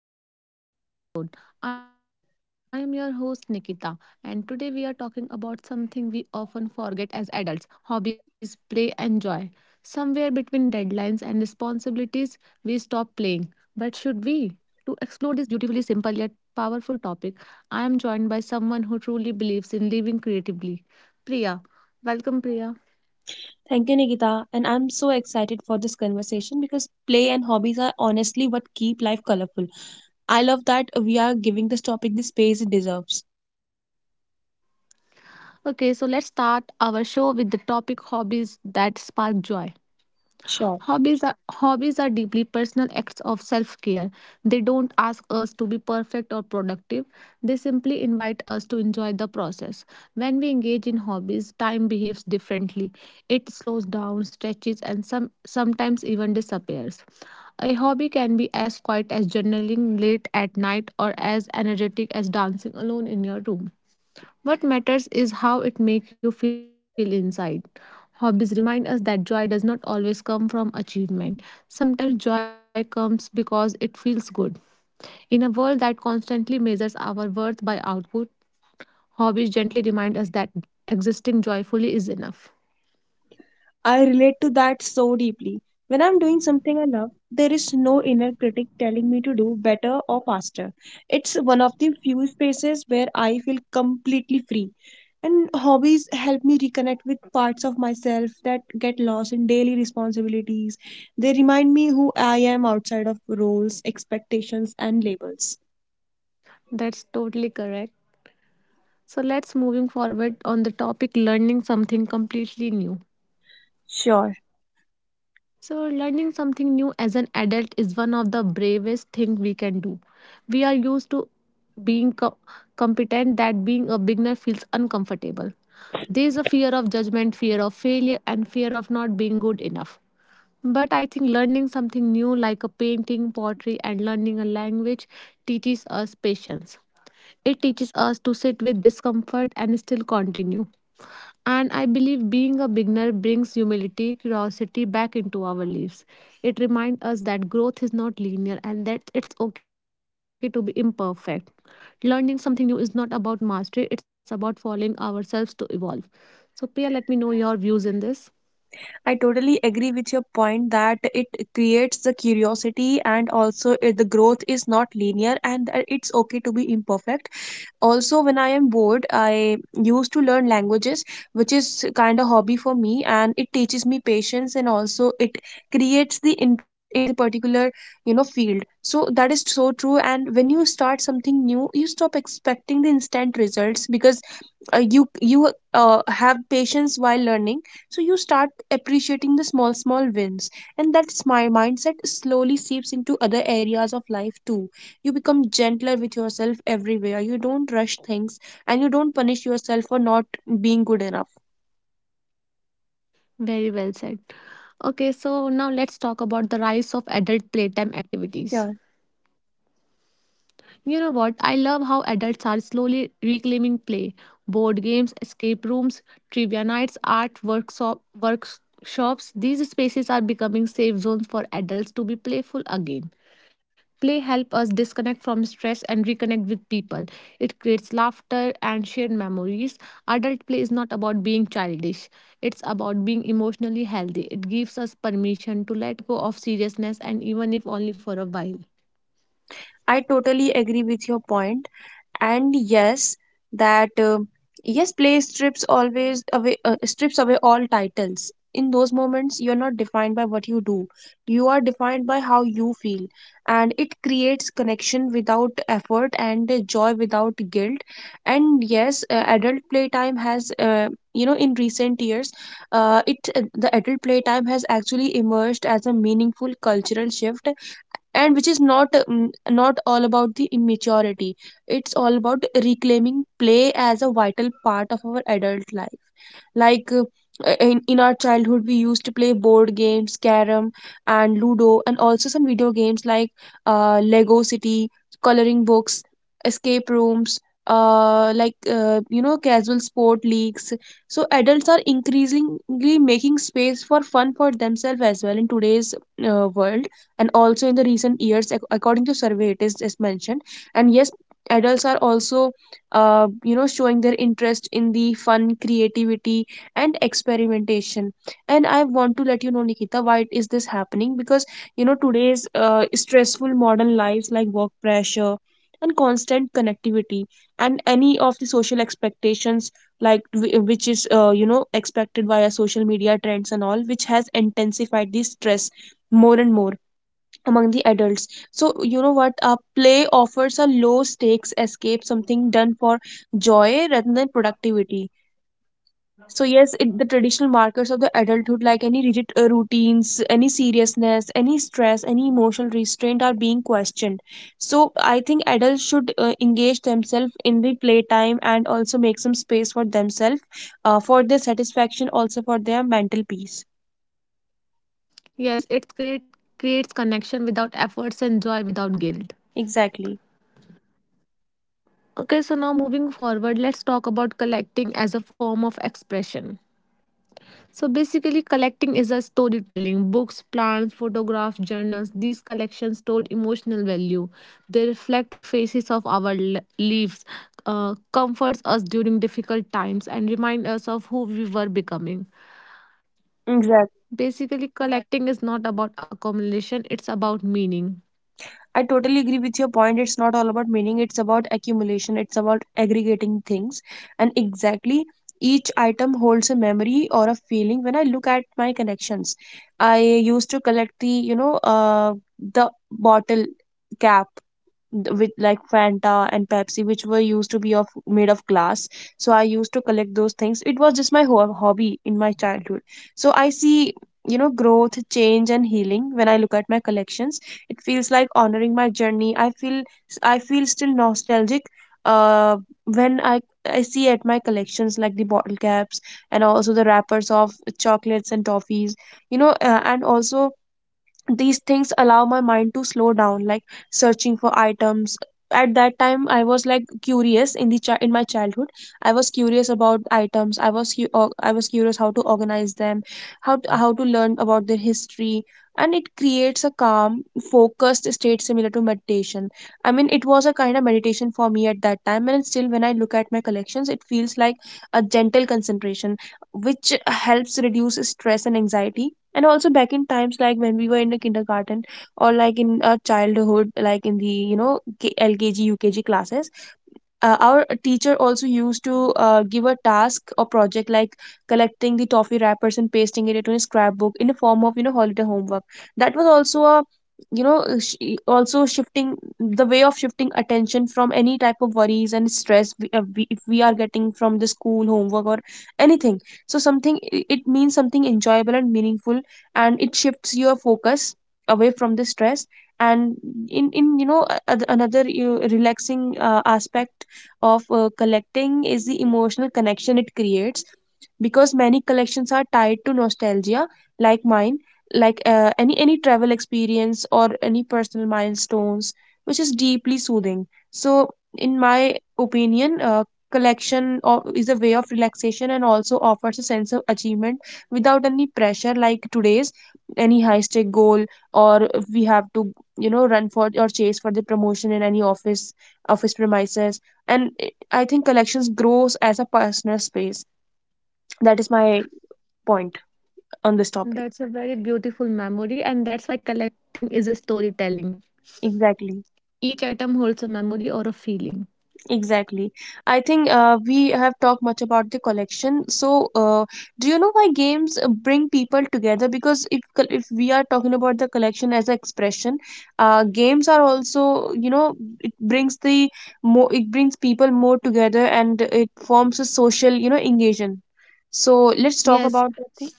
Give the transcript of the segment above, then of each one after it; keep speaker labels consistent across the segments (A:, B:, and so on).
A: welcome back to another Heart to Heart episode. I am your host, Nikita, and today we are talking about something we often forget as adults: hobbies, play, and joy. Somewhere between deadlines and responsibilities, we stop playing. But should we? To explore this beautifully simple yet powerful topic, I am joined by someone who truly believes in living creatively, Priya. Welcome, Priya.
B: Thank you, Nikita. And I'm so excited for this conversation because play and hobbies are honestly what keep life colorful. I love that we are giving this topic the space it deserves.
A: Okay, so let's start our show with the topic hobbies that spark joy.
B: Sure.
A: Hobbies are deeply personal acts of self-care. They don't ask us to be perfect or productive. They simply invite us to enjoy the process. When we engage in hobbies, time behaves differently. It slows down, stretches, and sometimes even disappears. A hobby can be as quiet as journaling late at night or as energetic as dancing alone in your room. What matters is how it makes you feel inside. Hobbies remind us that joy does not always come from achievement. Sometimes joy comes because it feels good. In a world that constantly measures our worth by output, hobbies gently remind us that existing joyfully is enough.
B: I relate to that so deeply. When I'm doing something I love, there is no inner critic telling me to do better or faster. It's one of the few spaces where I feel completely free. And hobbies help me reconnect with parts of myself that get lost in daily responsibilities. They remind me who I am outside of roles, expectations, and labels.
A: That's totally correct. So let's moving forward on the topic learning something completely new.
B: Sure.
A: So, learning something new as an adult is one of the bravest things we can do. We are used to being competent that being a beginner feels uncomfortable. There is a fear of judgment, fear of failure, and fear of not being good enough. But I think learning something new, like a painting, pottery, and learning a language, teaches us patience. It teaches us to sit with discomfort and still continue. And I believe being a beginner brings humility, curiosity back into our lives. It reminds us that growth is not linear and that it's okay to be imperfect. Learning something new is not about mastery, it's about following ourselves to evolve. So, Priya, let me know your views in this.
B: I totally agree with your point that it creates the curiosity, and also the growth is not linear and that it's okay to be imperfect. Also, when I am bored, I used to learn languages, which is kind of hobby for me, and it teaches me patience, and also it creates the interest in the particular you know field. So that is so true. And when you start something new, you stop expecting the instant results because you have patience while learning. So you start appreciating the small small wins, and that's my mindset slowly seeps into other areas of life too. You become gentler with yourself everywhere. You don't rush things, and you don't punish yourself for not being good enough.
A: Very well said. Okay, so now let's talk about the rise of adult playtime activities.
B: Yeah,
A: You know what? I love how adults are slowly reclaiming play. Board games, escape rooms, trivia nights, workshops. These spaces are becoming safe zones for adults to be playful again. Play helps us disconnect from stress and reconnect with people. It creates laughter and shared memories. Adult play is not about being childish, it's about being emotionally healthy. It gives us permission to let go of seriousness and even if only for a while.
B: I totally agree with your point. And yes, that yes play strips always away, strips away all titles. In those moments you're not defined by what you do, you are defined by how you feel, and it creates connection without effort and joy without guilt. And yes, adult playtime has, you know, in recent years, it the adult playtime has actually emerged as a meaningful cultural shift, and which is not not all about the immaturity. It's all about reclaiming play as a vital part of our adult life. Like in our childhood we used to play board games, carom and ludo, and also some video games like Lego City, coloring books, escape rooms, you know, casual sport leagues. So adults are increasingly making space for fun for themselves as well in today's world. And also in the recent years, according to survey, it is just mentioned. And yes, adults are also, you know, showing their interest in the fun, creativity, and experimentation. And I want to let you know, Nikita, why is this happening? Because, you know, today's stressful modern lives, like work pressure and constant connectivity and any of the social expectations, like which is, you know, expected via social media trends and all, which has intensified the stress more and more among the adults. So you know what, play offers a low stakes escape, something done for joy rather than productivity. So yes, the traditional markers of the adulthood, like any rigid routines, any seriousness, any stress, any emotional restraint, are being questioned. So I think adults should engage themselves in the playtime and also make some space for themselves, for their satisfaction, also for their mental peace.
A: Yes, it's create creates connection without efforts and joy without guilt.
B: Exactly.
A: Okay, so now moving forward, let's talk about collecting as a form of expression. So basically, collecting is a storytelling. Books, plants, photographs, journals, these collections store emotional value. They reflect faces of our lives, comforts us during difficult times, and remind us of who we were becoming.
B: Exactly.
A: Basically, collecting is not about accumulation, it's about meaning.
B: I totally agree with your point. It's not all about meaning, it's about accumulation, it's about aggregating things. And exactly, each item holds a memory or a feeling. When I look at my connections, I used to collect the, you know, the bottle cap with like Fanta and Pepsi, which were used to be of made of glass. So I used to collect those things. It was just my hobby in my childhood. So I see, you know, growth, change, and healing when I look at my collections. It feels like honoring my journey. I feel still nostalgic. Uh, when I see at my collections like the bottle caps and also the wrappers of chocolates and toffees, you know, and also these things allow my mind to slow down, like searching for items. At that time I was like curious in the in my childhood. I was curious about items. I was curious how to organize them, how to learn about their history. And it creates a calm, focused state similar to meditation. I mean, it was a kind of meditation for me at that time, and still when I look at my collections it feels like a gentle concentration, which helps reduce stress and anxiety. And also back in times, like when we were in the kindergarten, or like in our childhood, like in the, you know, LKG, UKG classes, our teacher also used to give a task or project, like collecting the toffee wrappers and pasting it into a scrapbook in the form of, you know, holiday homework. That was also a, you know, also shifting the way of shifting attention from any type of worries and stress if we are getting from the school homework or anything. So something, it means something enjoyable and meaningful, and it shifts your focus away from the stress. And in, you know, another, you know, relaxing aspect of collecting is the emotional connection it creates, because many collections are tied to nostalgia, like mine, like any travel experience or any personal milestones, which is deeply soothing. So in my opinion, is a way of relaxation and also offers a sense of achievement without any pressure, like today's any high stake goal, or we have to, you know, run for or chase for the promotion in any office, office premises. and it, I think collections grows as a personal space. That is my point on this topic.
A: That's a very beautiful memory, and that's why collecting is a storytelling.
B: Exactly.
A: Each item holds a memory or a feeling.
B: Exactly. I think we have talked much about the collection, so uh, do you know why games bring people together? Because if we are talking about the collection as an expression, games are also, you know, it brings the more it brings people more together, and it forms a social, you know, engagement. So let's talk about that
A: Yes,
B: thing.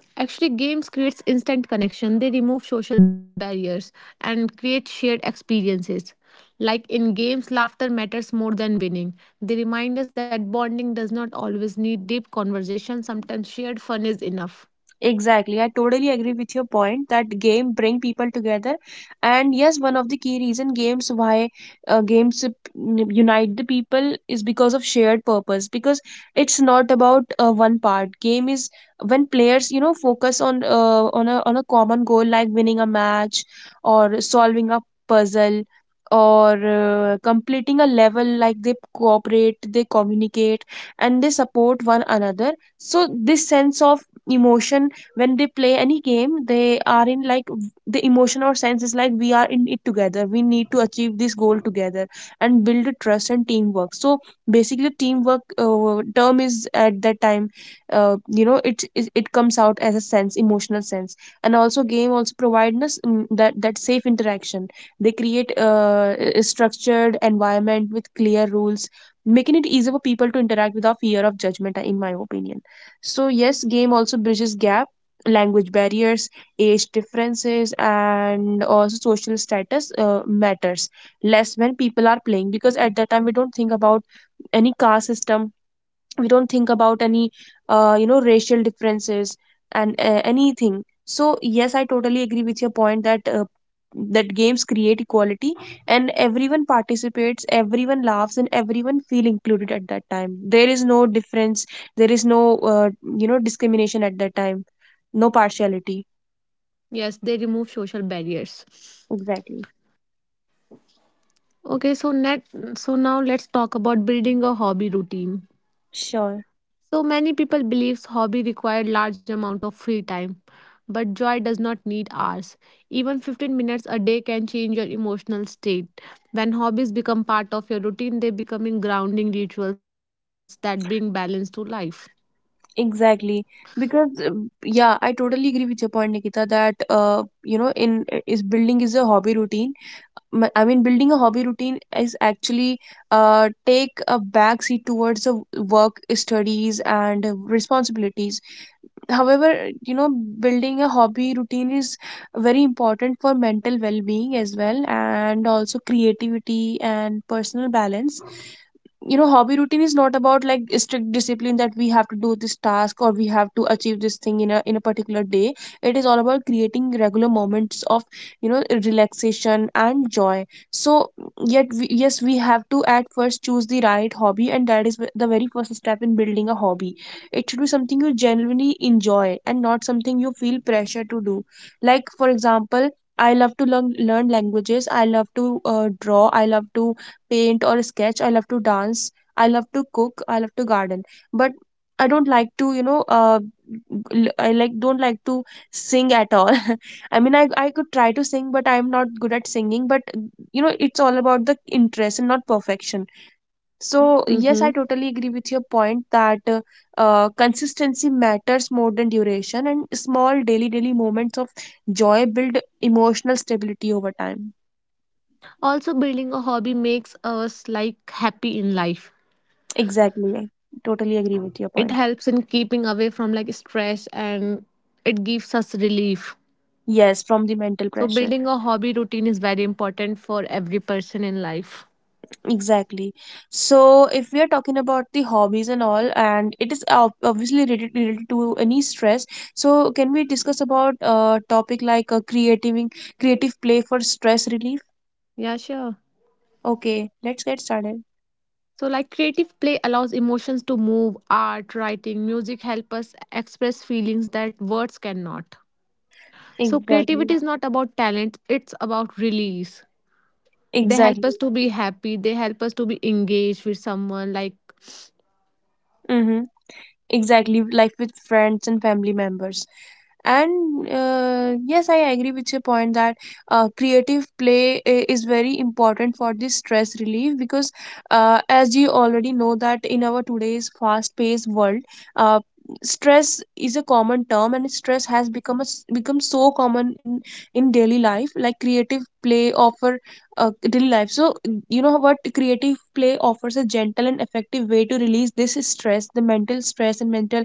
A: yes, actually games creates instant connection. They remove social barriers and create shared experiences. Like in games, laughter matters more than winning. They remind us that bonding does not always need deep conversation. Sometimes shared fun is enough.
B: Exactly. I totally agree with your point that game bring people together. And yes, one of the key reason games, why games unite the people is because of shared purpose, because it's not about one part. Game is when players, you know, focus on on a common goal like winning a match or solving a puzzle or completing a level, like they cooperate, they communicate, and they support one another. So this sense of emotion, when they play any game they are in, like the emotion or sense is like, we are in it together, we need to achieve this goal together and build a trust and teamwork. So basically teamwork term is at that time, you know, it comes out as a sense, emotional sense. And also game also provide us that safe interaction. They create a structured environment with clear rules, making it easier for people to interact without fear of judgment, in my opinion. So yes, game also bridges gap, language barriers, age differences, and also social status matters less when people are playing, because at that time we don't think about any caste system, we don't think about any you know, racial differences and anything. So yes, I totally agree with your point that that games create equality, and everyone participates, everyone laughs, and everyone feel included. At that time there is no difference, there is no uh, you know, discrimination at that time, no partiality.
A: Yes, they remove social barriers.
B: Exactly.
A: Okay, so net so now let's talk about building a hobby routine.
B: Sure.
A: So many people believes hobby require large amount of free time, but joy does not need hours. Even 15 minutes a day can change your emotional state. When hobbies become part of your routine, they becoming grounding rituals that bring balance to life.
B: Exactly. Because yeah, I totally agree with your point, Nikita, that you know, in is building is a hobby routine, I mean, building a hobby routine is actually take a backseat towards the work, studies, and responsibilities. However, you know, building a hobby routine is very important for mental well-being as well, and also creativity and personal balance. You know, hobby routine is not about like strict discipline that we have to do this task or we have to achieve this thing in a particular day. It is all about creating regular moments of, you know, relaxation and joy. So yes, we have to at first choose the right hobby, and that is the very first step in building a hobby. It should be something you genuinely enjoy and not something you feel pressure to do. Like for example, I love to learn languages, I love to draw, I love to paint or sketch, I love to dance, I love to cook, I love to garden, but I don't like to, you know, I like don't like to sing at all I mean, I could try to sing, but I'm not good at singing but you know it's all about the interest and not perfection.
A: Mhm.
B: So, yes, I totally agree with your point that consistency matters more than duration, and small daily moments of joy build emotional stability over time.
A: Also, building a hobby makes us like happy in life.
B: Exactly. I totally agree with your
A: It
B: point.
A: helps in keeping away from like stress and it gives us relief.
B: Yes, from the mental
A: So,
B: pressure.
A: building a hobby routine is very important for every person in life.
B: Exactly. So, if we are talking about the hobbies and all, and it is obviously related to any stress, so can we discuss about a topic like creative play for stress relief?
A: Yeah, sure.
B: Okay, let's get started.
A: So, like creative play allows emotions to move, art, writing, music help us express feelings that words cannot. So, creativity
B: Exactly.
A: is not about talent, it's about release. They help
B: Exactly.
A: us to be happy, they help us to be engaged with someone. Like,
B: Mm-hmm. Exactly. Life with friends and family members. And yes, I agree with your point that creative play is very important for this stress relief because, as you already know, that in our today's fast-paced world, uh, stress is a common term, and stress has become a s become so common in daily life. Like creative play offer. Daily life. So, you know what, creative play offers a gentle and effective way to release this stress, the mental stress and mental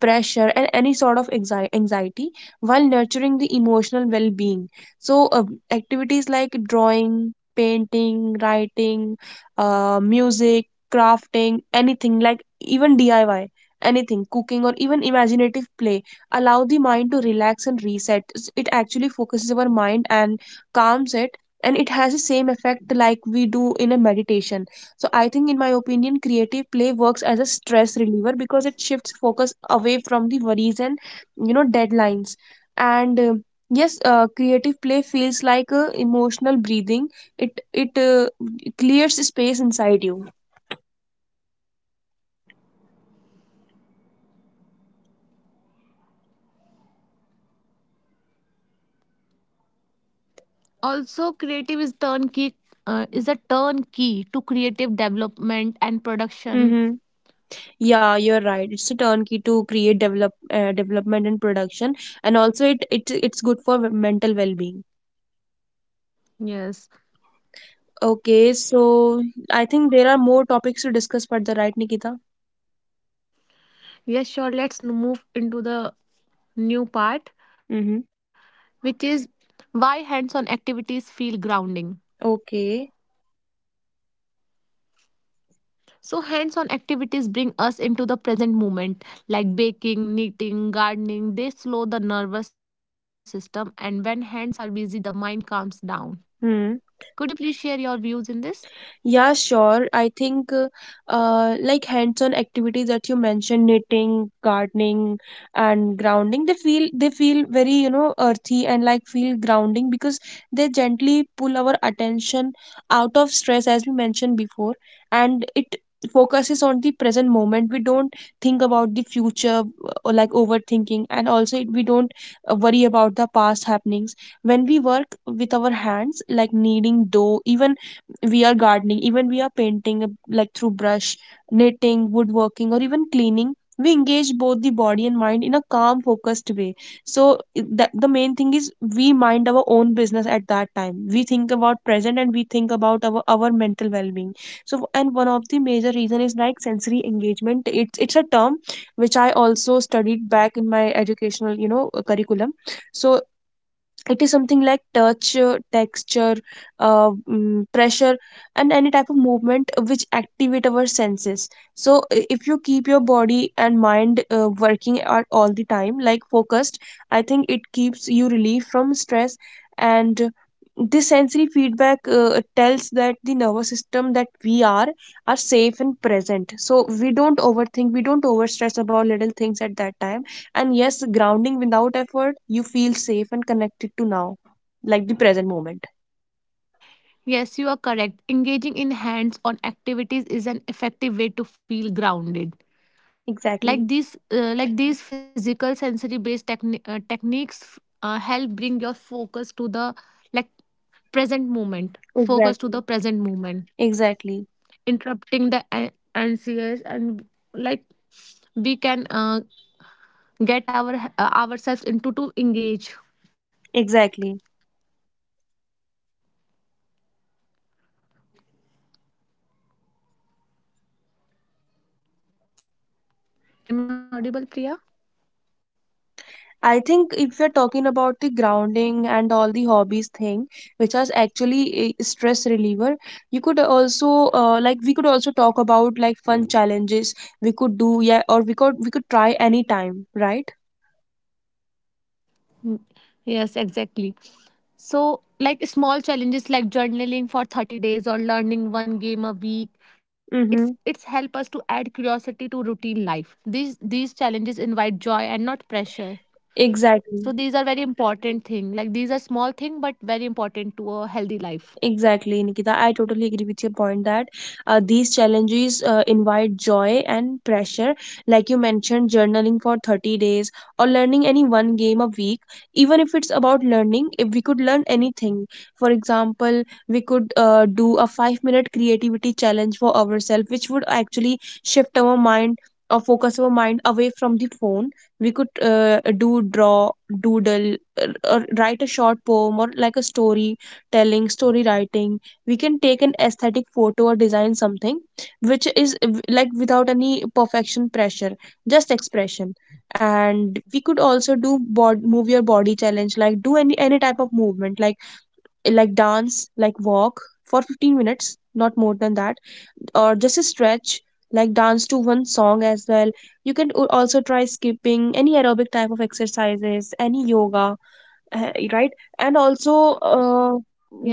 B: pressure, and any sort of anxiety while nurturing the emotional well being. So, activities like drawing, painting, writing, music, crafting, anything like even DIY. Anything, cooking, or even imaginative play allow the mind to relax and reset. It actually focuses our mind and calms it, and it has the same effect like we do in a meditation. So I think in my opinion creative play works as a stress reliever because it shifts focus away from the worries and you know deadlines. And yes, creative play feels like emotional breathing. It clears space inside you.
A: also, creative is a turnkey to creative development and production.
B: Mm-hmm. Yeah, you're right, it's a turnkey to create develop, development and production. And also it's good for mental well-being.
A: Yes.
B: Okay, so I think there are more topics to discuss further, right, Nikita?
A: Yes, sure. Let's move into the new part,
B: Mm-hmm.
A: which is why hands on activities feel grounding.
B: Okay.
A: So, hands on activities bring us into the present moment, like baking, knitting, gardening. They slow the nervous system, and when hands are busy, the mind calms down.
B: Hmm.
A: Could you please share your views in this?
B: Yeah, sure. I think like hands-on activities that you mentioned, knitting, gardening, and grounding, they feel very, you know, earthy and like feel grounding because they gently pull our attention out of stress, as we mentioned before, and it focuses on the present moment. We don't think about the future or like overthinking, and also we don't worry about the past happenings. When we work with our hands, like kneading dough, even we are gardening, even we are painting like through brush, knitting, woodworking, or even cleaning, we engage both the body and mind in a calm, focused way. So that the main thing is we mind our own business at that time. We think about present and we think about our mental well-being. So, and one of the major reason is like sensory engagement. It's a term which I also studied back in my educational, you know, curriculum. So it is something like touch, texture, pressure, and any type of movement which activate our senses. So if you keep your body and mind working at all the time like focused, I think it keeps you relief from stress. And this sensory feedback tells that the nervous system that we are safe and present, so we don't overthink, we don't overstress about little things at that time. And yes, grounding without effort, you feel safe and connected to now, like the present moment.
A: Yes, you are correct. Engaging in hands on activities is an effective way to feel grounded.
B: Exactly.
A: Like these, like these physical sensory based techniques help bring your focus to the like present moment. Focus to the
B: Exactly.
A: present moment
B: Exactly.
A: interrupting the NCS and like we can get ourselves into to engage.
B: Exactly.
A: Am I audible, Priya?
B: I think if you're talking about the grounding and all the hobbies thing, which is actually a stress reliever, you could also like we could also talk about like fun challenges we could do, yeah, or we could try anytime, right?
A: Yes, exactly. So, like small challenges like journaling for 30 days or learning one game a week,
B: Mm-hmm.
A: it's help us to add curiosity to routine life. These challenges invite joy and not pressure.
B: Exactly.
A: So these are very important thing. Like these are small thing but very important to a healthy life.
B: Exactly, Nikita. I totally agree with your point that these challenges invite joy and pressure. Like you mentioned, journaling for 30 days or learning any one game a week, even if it's about learning, if we could learn anything. For example, we could do a 5 minute creativity challenge for ourselves, which would actually shift our mind or focus our mind away from the phone. We could do draw, doodle, or write a short poem or like a story, telling story writing. We can take an aesthetic photo or design something which is like without any perfection pressure, just expression. And we could also do move your body challenge, like do any type of movement, like dance, like walk for 15 minutes, not more than that, or just a stretch, like dance to one song as well. You can also try skipping, any aerobic type of exercises, any yoga, right. And also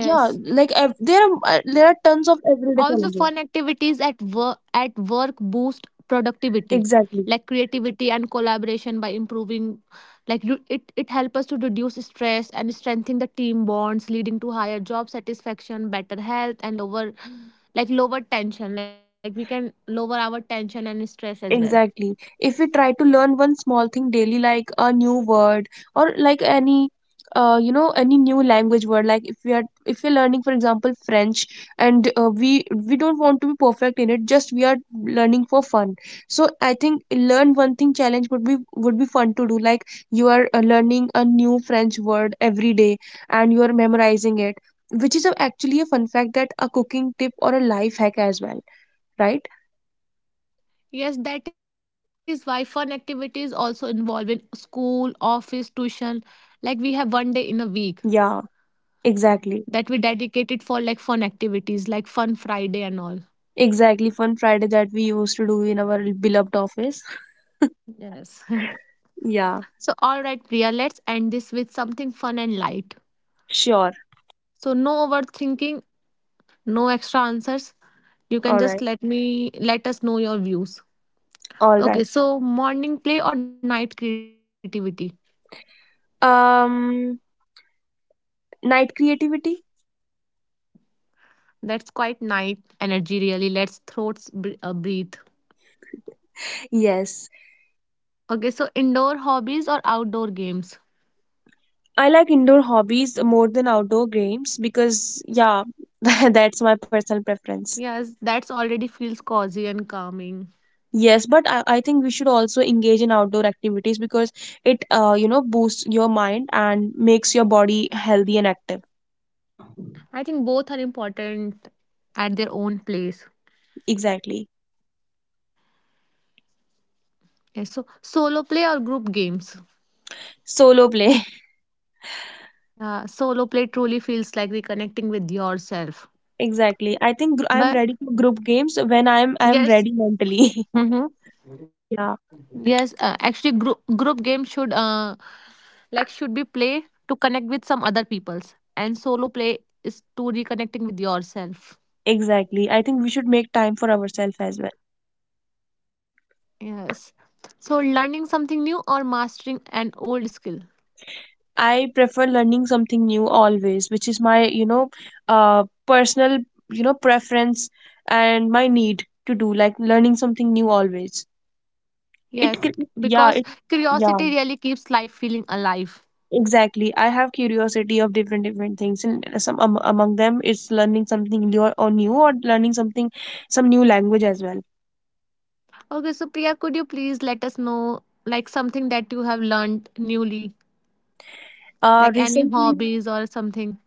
B: yeah, like there are tons of everyday
A: Also,
B: challenges.
A: fun activities at work boost productivity,
B: Exactly.
A: like creativity and collaboration by improving, like you, it helps us to reduce stress and strengthen the team bonds, leading to higher job satisfaction, better health, and lower tension. Like we can lower our tension and stress as well.
B: Exactly. If we try to learn one small thing daily, like a new word or like any, you know, any new language word, like if we are if we're learning, for example, French, and we don't want to be perfect in it, just we are learning for fun. So I think learn one thing challenge would be fun to do. Like you are learning a new French word every day, and you are memorizing it, which is a, actually a fun fact that a cooking tip or a life hack as well, right?
A: Yes, that is why fun activities also involve in school, office, tuition. Like we have one day in a week
B: Yeah, exactly.
A: that we dedicated for like fun activities, like fun Friday and all.
B: Exactly, fun Friday that we used to do in our beloved office.
A: Yes.
B: Yeah,
A: So, all right, Priya, let's end this with something fun and light.
B: sure.
A: So, no overthinking, no extra answers. You
B: All
A: can
B: right.
A: just let us know your views.
B: All right.
A: Okay, so morning play or night creativity?
B: Um, Night creativity?
A: That's quite night energy, really. Let's breathe.
B: Yes.
A: Okay, so indoor hobbies or outdoor games?
B: I like indoor hobbies more than outdoor games because, yeah, that's my personal preference.
A: Yes, that's already feels cozy and calming.
B: Yes, but I think we should also engage in outdoor activities because it, you know, boosts your mind and makes your body healthy and active.
A: I think both are important at their own place.
B: Exactly.
A: Yes, so solo play or group games?
B: Solo play.
A: Yeah, solo play truly feels like reconnecting with yourself.
B: Exactly. I think I'm
A: But
B: ready for group games when I'm
A: yes,
B: ready mentally.
A: mm-hmm.
B: Yeah,
A: Yes, actually, group game should should be play to connect with some other peoples, and solo play is to reconnecting with yourself.
B: exactly. I think we should make time for ourselves as well.
A: Yes, so learning something new or mastering an old skill.
B: I prefer learning something new always, which is my, you know, uh, personal, you know, preference and my need to do like learning something new always. It
A: Yes,
B: c- yeah,
A: because
B: it, yeah,
A: curiosity really keeps life feeling alive.
B: exactly. I have curiosity of different things and some among them is learning something new or, learning something, some new language as well.
A: Okay, so Priya, could you please let us know like something that you have learned newly? Like any
B: Recently.
A: hobbies or something.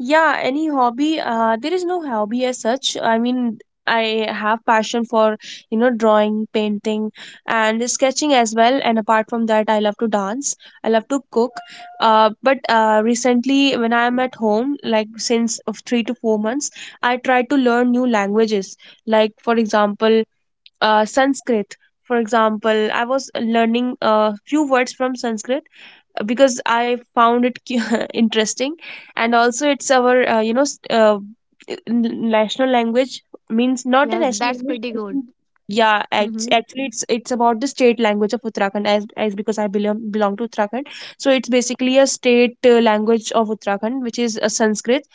B: Yeah, any hobby, there is no hobby as such. I mean, I have passion for, you know, drawing, painting, and sketching as well. And apart from that, I love to dance. I love to cook. But recently, when I am at home, like since of 3 to 4 months, I try to learn new languages. Like for example, Sanskrit. For example, I was learning a few words from Sanskrit because I found it interesting, and also it's our you know, national language, means not a
A: Yes,
B: national
A: that's
B: language.
A: pretty
B: I
A: good.
B: think— Yeah,
A: Hmm.
B: actually, it's about the state language of Uttarakhand, as because I belong to Uttarakhand, so it's basically a state language of Uttarakhand, which is a Sanskrit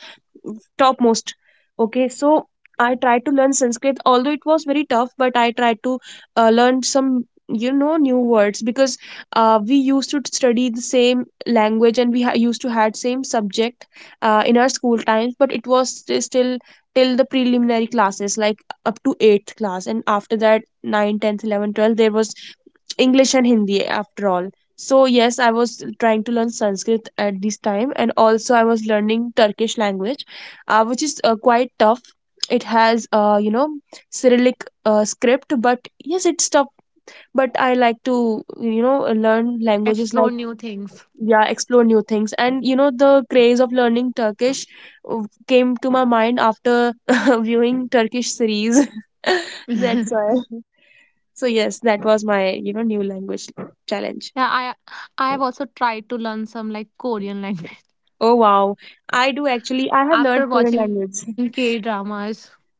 B: topmost. Okay, so I tried to learn Sanskrit, although it was very tough, but I tried to learn some, you know, new words because we used to study the same language and used to had same subject in our school times, but it was still till the preliminary classes like up to 8th class, and after that 9, tenth, 11, 12, there was English and Hindi after all. So yes, I was trying to learn Sanskrit at this time, and also I was learning Turkish language which is quite tough. It has, you know, Cyrillic script, but yes, it's tough. But I like to, you know, learn languages,
A: Explore
B: like,
A: new things.
B: yeah, explore new things. And, you know, the craze of learning Turkish uh, came to my mind after viewing Turkish series.
A: Yeah,
B: That's why. So, yes, that was my, you know, new language challenge.
A: I I have also tried to learn some like Korean language
B: Oh, wow. I do actually, I have
A: after
B: learned foreign
A: watching K
B: language.
A: dramas.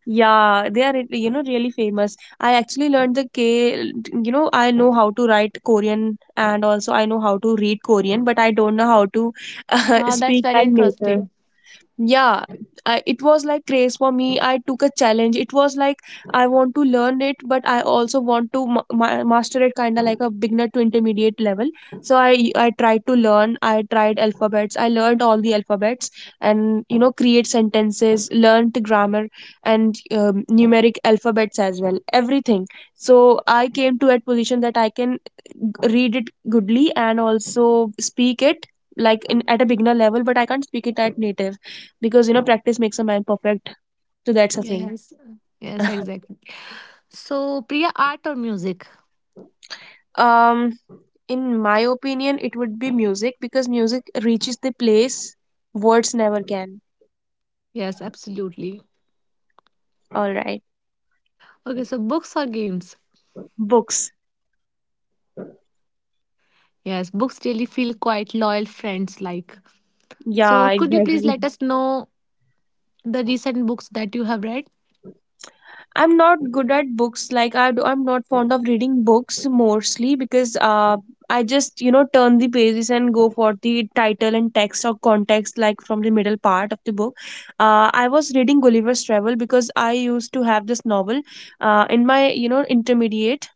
B: Yeah, they are, you know, really famous. I actually learned the K, you know, I know how to write Korean, and also I know how to read Korean, but I don't know how to
A: That's
B: speak
A: very
B: that native.
A: interesting.
B: Yeah, it was like craze for me. I took a challenge. It was like I want to learn it, but I also want to master it, kind of like a beginner to intermediate level. So I tried to learn, I tried alphabets, I learned all the alphabets, and you know, create sentences, learned grammar, and numeric alphabets as well, everything. So I came to a position that I can read it goodly and also speak it, like in at a beginner level, but I can't speak it at native, because you know, practice makes a man perfect. So that's a thing.
A: Yes. Yes, exactly. So, Priya, art or music?
B: um in my opinion, it would be music, because music reaches the place words never can.
A: Yes, absolutely.
B: All right.
A: Okay, so books or games?
B: Books.
A: Yes, books really feel quite loyal friends like.
B: Yeah,
A: So, could you please
B: exactly.
A: let us know the recent books that you have read?
B: I'm not good at books. Like I'm not fond of reading books, mostly because I just, you know, turn the pages and go for the title and text or context, like from the middle part of the book. I was reading Gulliver's Travel, because I used to have this novel in my, you know, intermediate,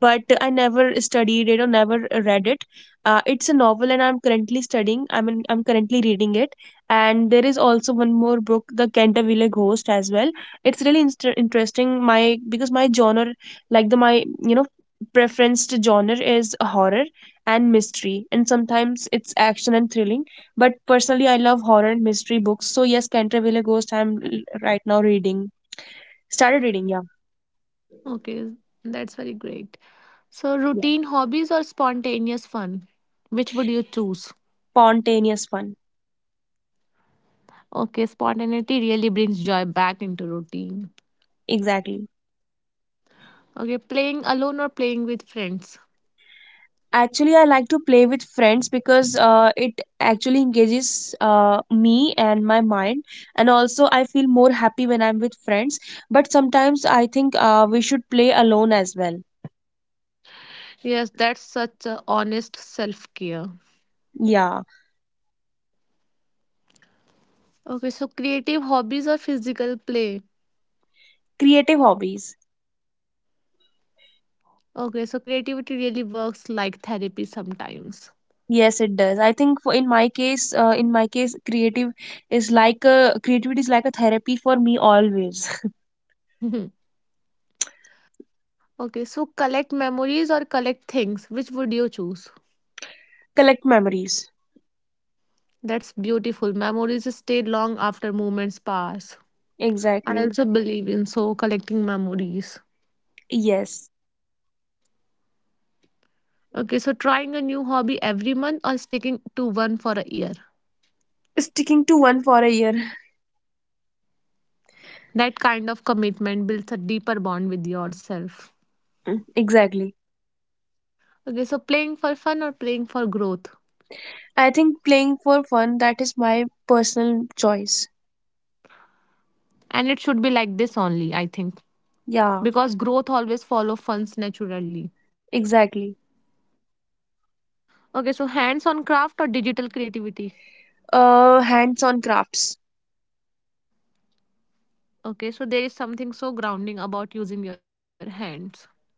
B: but I never studied it or never read it. It's a novel, and I'm currently studying. I mean, I'm currently reading it. And there is also one more book, The Canterville Ghost, as well. It's really interesting. My, because my genre, like the my you know preferenced genre is horror and mystery, and sometimes it's action and thrilling. But personally, I love horror and mystery books. So yes, Canterville Ghost. Right now reading. Started reading. Yeah,
A: Okay, that's very great. So,
B: yeah.
A: routine hobbies or spontaneous fun? Which would you choose?
B: Spontaneous fun.
A: Okay, spontaneity really brings joy back into routine.
B: Exactly.
A: Okay, playing alone or playing with friends?
B: Actually, I like to play with friends, because it actually engages me and my mind, and also I feel more happy when I'm with friends. But sometimes I think we should play alone as well.
A: Yes, that's such a honest self care.
B: Yeah,
A: Okay, so creative hobbies or physical play?
B: creative hobbies.
A: Okay, so creativity really works like therapy sometimes.
B: Yes, it does. I think for in my case, creative is like a creativity is like a therapy for me always.
A: Mhm. Okay, so collect memories or collect things? Which would you choose?
B: Collect memories.
A: That's beautiful. Memories stay long after moments pass. I
B: Exactly.
A: also believe in so collecting memories.
B: Yes.
A: Okay, so trying a new hobby every month or sticking to one for a year.
B: Sticking to one for a year.
A: That kind of commitment builds a deeper bond with yourself.
B: Mm, exactly.
A: Okay, so playing for fun or playing for growth.
B: I think playing for fun, that is my personal choice.
A: And it should be like this only, I think,
B: Yeah,
A: because growth always follows funds naturally.
B: exactly.
A: Okay, so hands on craft or digital creativity.
B: Hands on crafts.
A: Okay, so there is something so grounding about using your hands.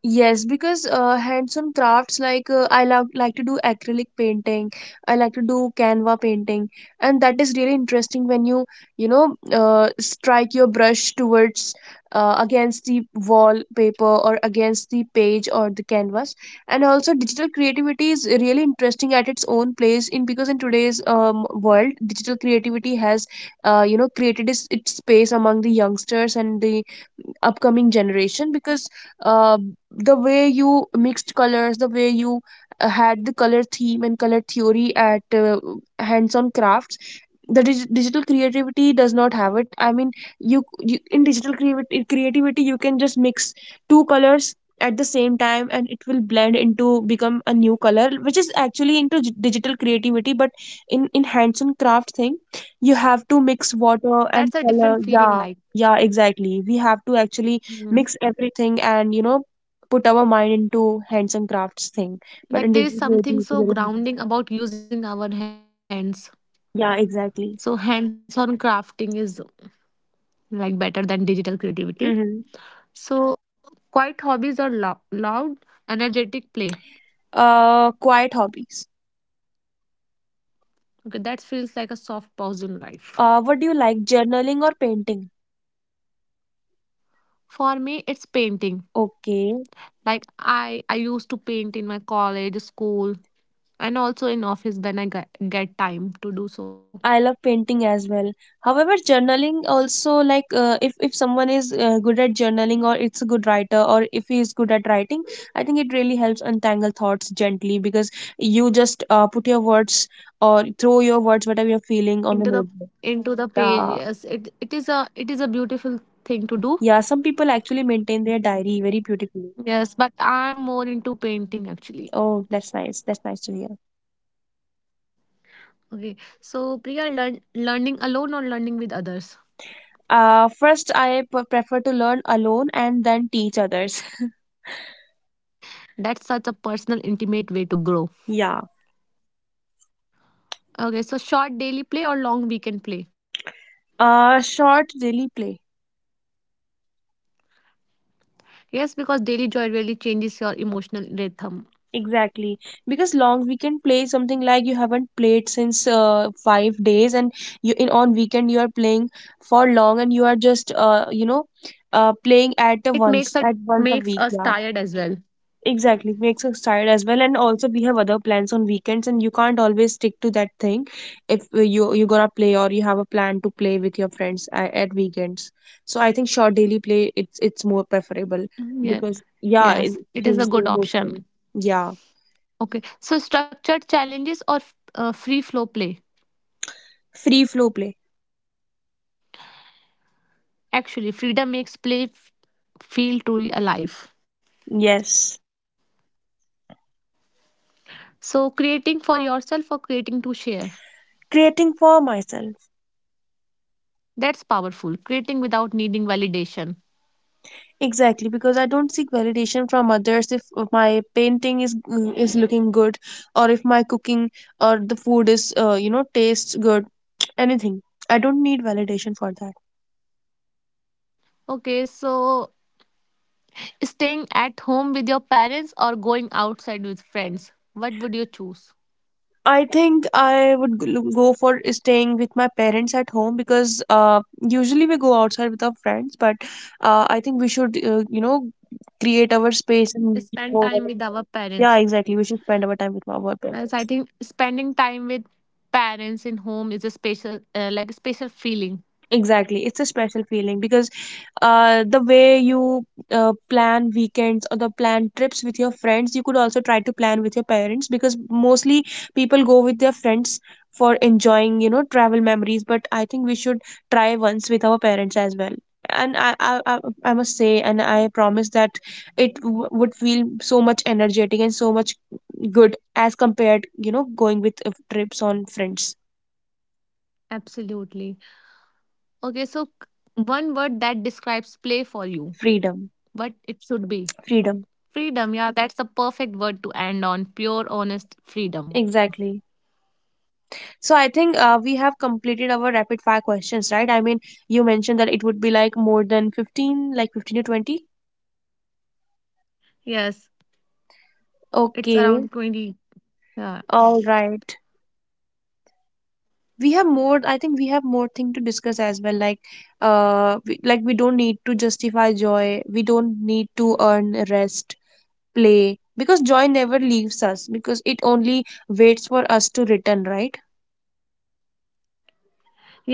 B: Yes, because hands-on crafts, like I love, like, to do acrylic painting. I like to do Canva painting, and that is really interesting when you know, strike your brush towards against the wallpaper or against the page or the canvas. And also, digital creativity is really interesting at its own place, in, because in today's world, digital creativity has you know, created its space among the youngsters and the upcoming generation, because the way you mixed colors, the way you had the color theme and color theory at hands-on crafts. Digital creativity does not have it. I mean, you, in digital creativity, creativity, you can just mix two colors at the same time, and it will blend into become a new color, which is actually into digital creativity. But in hands-on craft thing, you have to mix
A: That's
B: water
A: a
B: and
A: different feeling
B: color,
A: like.
B: yeah. Yeah, exactly, we have to actually
A: Hmm.
B: mix everything, and you know, put our mind into hands and crafts thing. But in
A: Like there is
B: digital way,
A: something so
B: we,
A: grounding about using our hands.
B: yeah,
A: So
B: exactly.
A: hands-on crafting is like better than digital creativity.
B: Mm-hmm.
A: So quiet hobbies are loud, energetic play.
B: Quiet hobbies.
A: Okay, that feels like a soft pause in life.
B: What do you like, journaling or painting?
A: For me, it's painting.
B: Okay.
A: Like I used to paint in my college, school, and also in office when I get time to do so.
B: I love painting as well. However, journaling also, like, if someone is good at journaling, or it's a good writer, or if he is good at writing, I think it really helps untangle thoughts gently, because you just put your words or throw your words, whatever you're feeling,
A: Into
B: on
A: the
B: the notebook.
A: into the page,
B: Yeah.
A: yes. It is a it is a beautiful thing to do.
B: Yeah, some people actually maintain their diary very beautifully.
A: Yes, but I'm more into painting actually.
B: Oh, that's nice. That's nice to hear.
A: Okay, so Priya, learning alone or learning with others?
B: First, prefer to learn alone, and then teach others.
A: That's such a personal, intimate way to grow.
B: yeah.
A: Okay, so short daily play or long weekend play?
B: Short daily play.
A: Yes, because daily joy really changes your emotional rhythm.
B: Exactly. Because long weekend play is something like you haven't played since 5 days, and you, in on weekend you are playing for long, and you are just you know, playing at the
A: It
B: once
A: makes
B: at
A: it
B: once a week.
A: makes
B: Yeah.
A: us tired as well.
B: Exactly, makes us tired as well, and also we have other plans on weekends, and you can't always stick to that thing if you, you're gonna play, or you have a plan to play with your friends at weekends. So I think short daily play, it's more preferable, because
A: Mm, yeah,
B: yeah, it changes
A: yes,
B: the
A: it is a
B: emotional.
A: good option.
B: Yeah,
A: Okay, so structured challenges or free flow play?
B: free flow play.
A: Actually, freedom makes play feel truly alive.
B: Yes,
A: So, creating for yourself or creating to share?
B: creating for myself.
A: That's powerful. Creating without needing validation.
B: Exactly, because I don't seek validation from others if my painting is looking good, or if my cooking or the food is you know, tastes good. Anything. I don't need validation for that.
A: Okay, so staying at home with your parents or going outside with friends? What would you choose?
B: I think I would go for staying with my parents at home, because usually we go outside with our friends, but I think we should, you know, create our space and.
A: Spend
B: Go when.
A: time with our
B: Yeah,
A: parents.
B: exactly. We should spend our time with our parents.
A: As I think spending time with parents in home is a special, a special feeling.
B: Exactly. It's a special feeling, because the way you plan weekends or the plan trips with your friends, you could also try to plan with your parents, because mostly people go with their friends for enjoying, you know, travel memories. But I think we should try once with our parents as well. And I must say, and I promise that it w would feel so much energetic and so much good as compared, you know, going with trips on friends.
A: Absolutely. Okay, so one word that describes play for you,
B: Freedom.
A: what it should be.
B: Freedom.
A: Freedom, yeah, that's the perfect word to end on. Pure, honest freedom.
B: Exactly. So I think we have completed our rapid fire questions, right? I mean, you mentioned that it would be like more than 15, like 15 to 20.
A: Yes, it's
B: Okay,
A: around 20. Yeah.
B: all right. We have more, I think we have more thing to discuss as well. Like, like we don't need to justify joy. We don't need to earn rest, play, because joy never leaves us, because it only waits for us to return, right?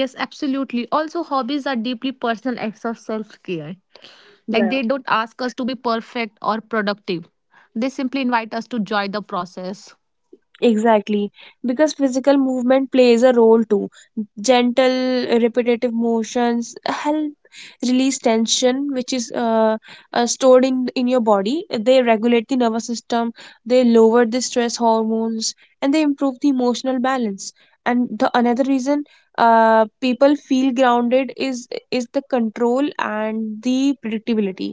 A: Yes, absolutely. Also, hobbies are deeply personal acts of self care.
B: Yeah.
A: Like, they don't ask us to be perfect or productive, they simply invite us to joy the process.
B: Exactly, because physical movement plays a role too. Gentle, repetitive motions help release tension, which is stored in your body. They regulate the nervous system, they lower the stress hormones, and they improve the emotional balance. And the another reason people feel grounded is the control and the predictability,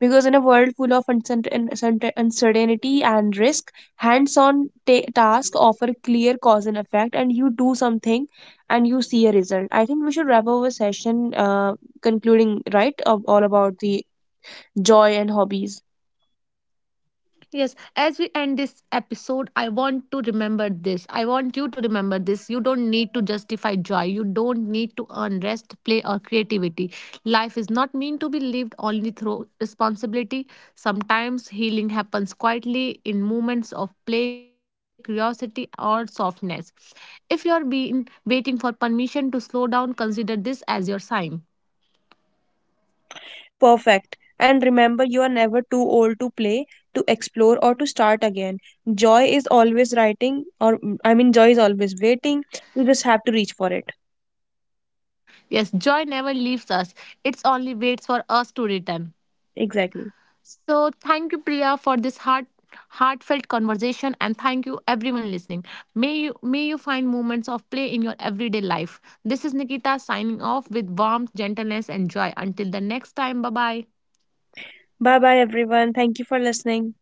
B: because in a world full of uncertainty and risk, tasks offer clear cause and effect, and you do something and you see a result. I think we should wrap up a session, concluding right of all about the joy and hobbies.
A: Yes, as we end this episode, I want to remember this. I want you to remember this. You don't need to justify joy. You don't need to earn rest, play, or creativity. Life is not meant to be lived only through responsibility. Sometimes healing happens quietly in moments of play, curiosity, or softness. If you're being waiting for permission to slow down, consider this as your sign.
B: Perfect. And remember, you are never too old to play, to explore, or to start again. Joy is always writing or mm, I mean Joy is always waiting, you just have to reach for it.
A: Yes, joy never leaves us, it only waits for us to return.
B: Exactly.
A: So thank you, Priya, for this heartfelt conversation and thank you everyone listening. May you find moments of play in your everyday life. This is Nikita signing off with warmth, gentleness, and joy. Until the next time, bye bye.
B: Bye bye everyone, thank you for listening.